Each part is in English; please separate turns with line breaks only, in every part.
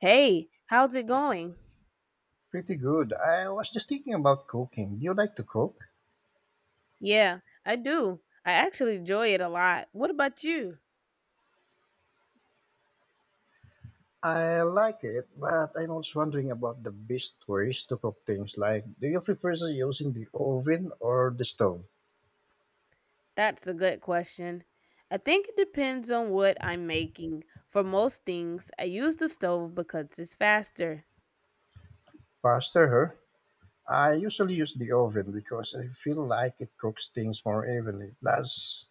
Hey, how's it going?
Pretty good. I was just thinking about cooking. Do you like to cook?
Yeah, I do. I actually enjoy it a lot. What about you?
I like it, but I'm also wondering about the best ways to cook things. Do you prefer using the oven or the stove?
That's a good question. I think it depends on what I'm making. For most things, I use the stove because it's faster.
Faster, huh? I usually use the oven because I feel like it cooks things more evenly. Plus,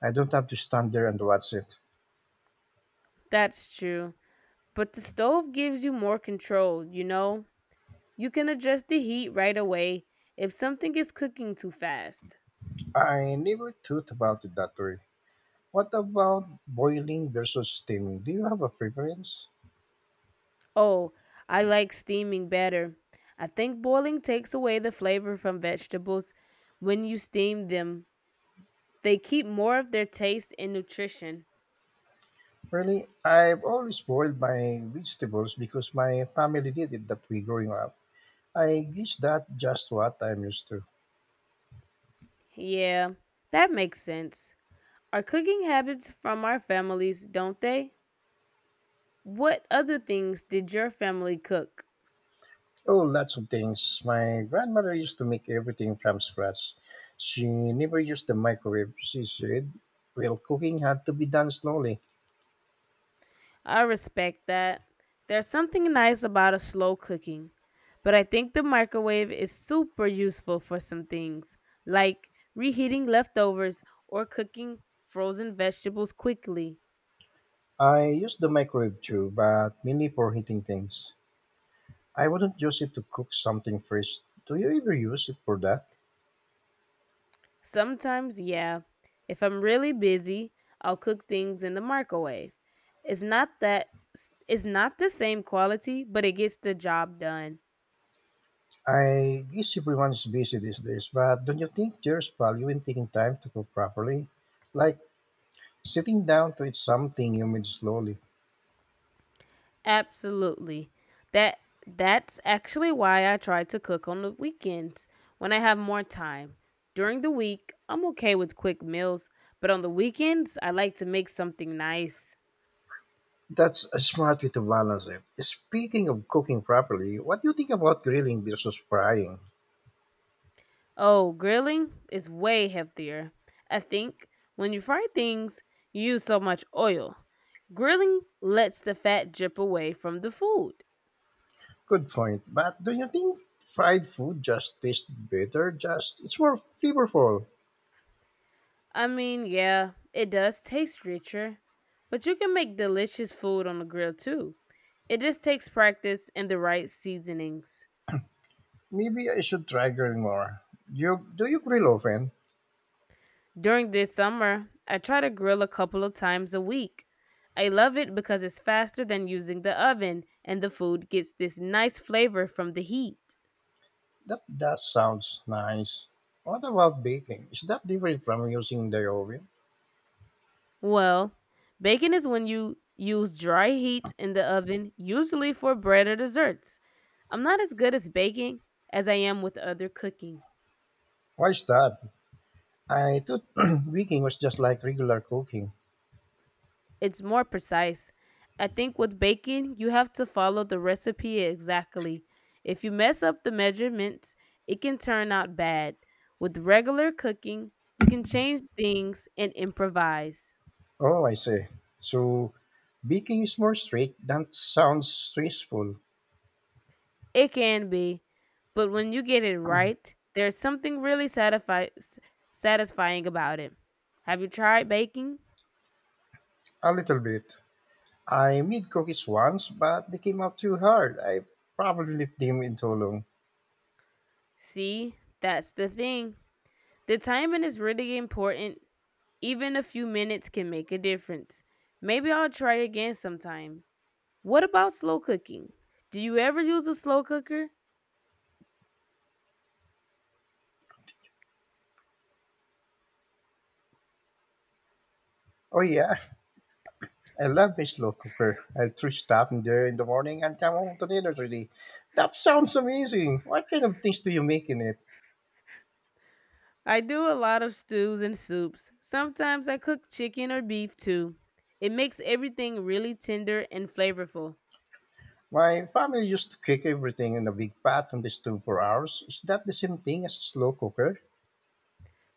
I don't have to stand there and watch it.
That's true. But the stove gives you more control, you know? You can adjust the heat right away if something is cooking too fast.
I never thought about it that way. What about boiling versus steaming? Do you have a preference?
Oh, I like steaming better. I think boiling takes away the flavor from vegetables when you steam them. They keep more of their taste and nutrition.
Really, I've always boiled my vegetables because my family did it that way growing up. I guess that just what I'm used to.
Yeah, that makes sense. Our cooking habits from our families, don't they? What other things did your family cook?
Oh, lots of things. My grandmother used to make everything from scratch. She never used the microwave, she said. Well, cooking had to be done slowly.
I respect that. There's something nice about a slow cooking, but I think the microwave is super useful for some things, like reheating leftovers or cooking frozen vegetables quickly.
I used the microwave too, but mainly for heating things. I wouldn't use it to cook something fresh. Do you ever use it for that?
Sometimes, yeah. If I'm really busy, I'll cook things in the microwave. It's not that, it's not the same quality, but it gets the job done.
I guess everyone's busy these days, but don't you think there's value in taking time to cook properly? Like Sitting down to eat something you made slowly.
Absolutely. That that's actually why I try to cook on the weekends when I have more time. During the week, I'm okay with quick meals, but on the weekends, I like to make something nice.
That's a smart way to balance it. Speaking of cooking properly, what do you think about grilling versus frying?
Oh, grilling is way healthier. I think when you fry things, you use so much oil. Grilling lets the fat drip away from the food.
Good point, but do you think fried food just tastes better? Just it's more flavorful.
I mean, yeah, it does taste richer, but you can make delicious food on the grill too. It just takes practice and the right seasonings.
Maybe I should try grilling more. You do you grill often?
During this summer, I try to grill a couple of times a week. I love it because it's faster than using the oven and the food gets this nice flavor from the heat.
That does sounds nice. What about baking? Is that different from using the oven?
Well, baking is when you use dry heat in the oven, usually for bread or desserts. I'm not as good as baking as I am with other cooking.
Why is that? I thought baking was just like regular cooking.
It's more precise. I think with baking, you have to follow the recipe exactly. If you mess up the measurements, it can turn out bad. With regular cooking, you can change things and improvise.
Oh, I see. So baking is more strict. That sounds stressful.
It can be, but when you get it
Mm.
right, there's something really satisfying about it. Have you tried baking?
A little bit. I made cookies once, but they came out too hard. I probably left them in too long.
See, that's the thing. The timing is really important. Even a few minutes can make a difference. Maybe I'll try again sometime. What about slow cooking? Do you ever use a slow cooker?
Oh, yeah. I love my slow cooker. I'll three stop in there in the morning and come home to dinner ready. That sounds amazing. What kind of things do you make in it?
I do a lot of stews and soups. Sometimes I cook chicken or beef too. It makes everything really tender and flavorful.
My family used to cook everything in a big pot on the stove for hours. Is that the same thing as a slow cooker?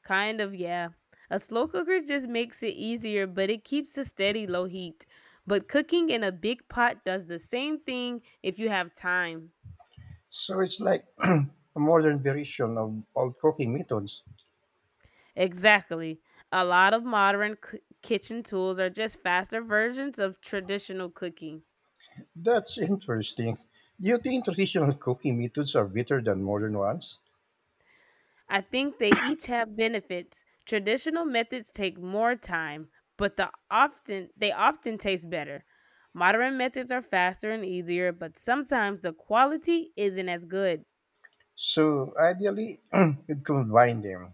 Kind of, yeah. A slow cooker just makes it easier, but it keeps a steady low heat. But cooking in a big pot does the same thing if you have time.
So it's like a modern version of old cooking methods.
Exactly. A lot of modern kitchen tools are just faster versions of traditional cooking.
That's interesting. Do you think traditional cooking methods are better than modern ones?
I think they each have benefits. Traditional methods take more time, but they often taste better. Modern methods are faster and easier, but sometimes the quality isn't as good.
So ideally, you'd combine them.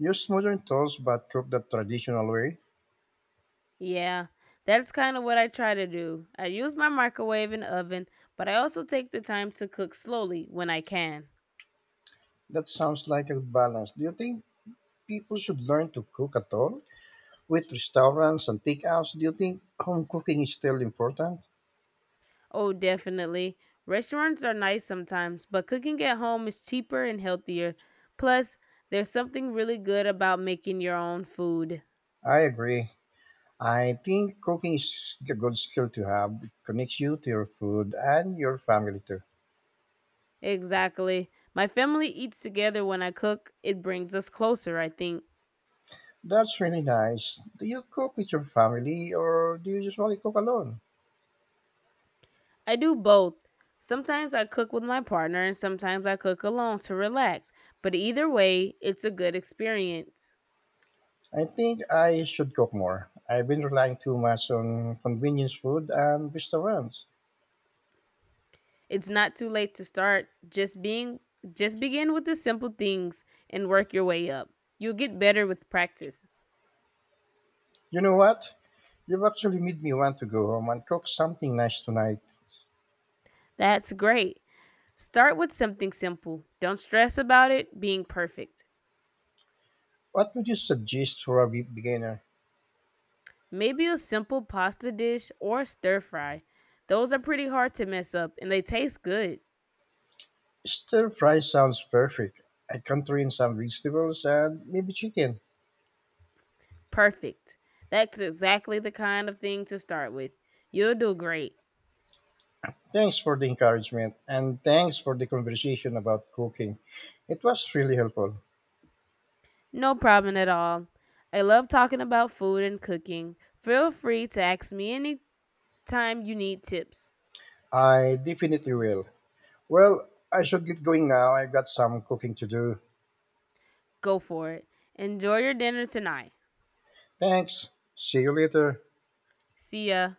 Use modern tools but cook the traditional way.
Yeah, that's kind of what I try to do. I use my microwave and oven, but I also take the time to cook slowly when I can.
That sounds like a balance. Do you think people should learn to cook at all? With restaurants and takeouts, do you think home cooking is still important?
Oh, definitely. Restaurants are nice sometimes, but cooking at home is cheaper and healthier. Plus, there's something really good about making your own food.
I agree. I think cooking is a good skill to have. It connects you to your food and your family too.
Exactly. My family eats together when I cook, it brings us closer, I think.
That's really nice. Do you cook with your family or do you usually cook alone?
I do both. Sometimes I cook with my partner and sometimes I cook alone to relax, but either way, it's a good experience.
I think I should cook more. I've been relying too much on convenience food and restaurants.
It's not too late to start. Just begin with the simple things and work your way up. You'll get better with practice.
You know what? You've actually made me want to go home and cook something nice tonight.
That's great. Start with something simple. Don't stress about it being perfect.
What would you suggest for a beginner?
Maybe a simple pasta dish or stir fry. Those are pretty hard to mess up and they taste good.
Stir fry sounds perfect. I can throw in some vegetables and maybe chicken.
Perfect. That's exactly the kind of thing to start with. You'll do great.
Thanks for the encouragement and thanks for the conversation about cooking. It was really helpful.
No problem at all. I love talking about food and cooking. Feel free to ask me anytime you need tips.
I definitely will. Well, I should get going now. I've got some cooking to do.
Go for it. Enjoy your dinner tonight.
Thanks. See you later.
See ya.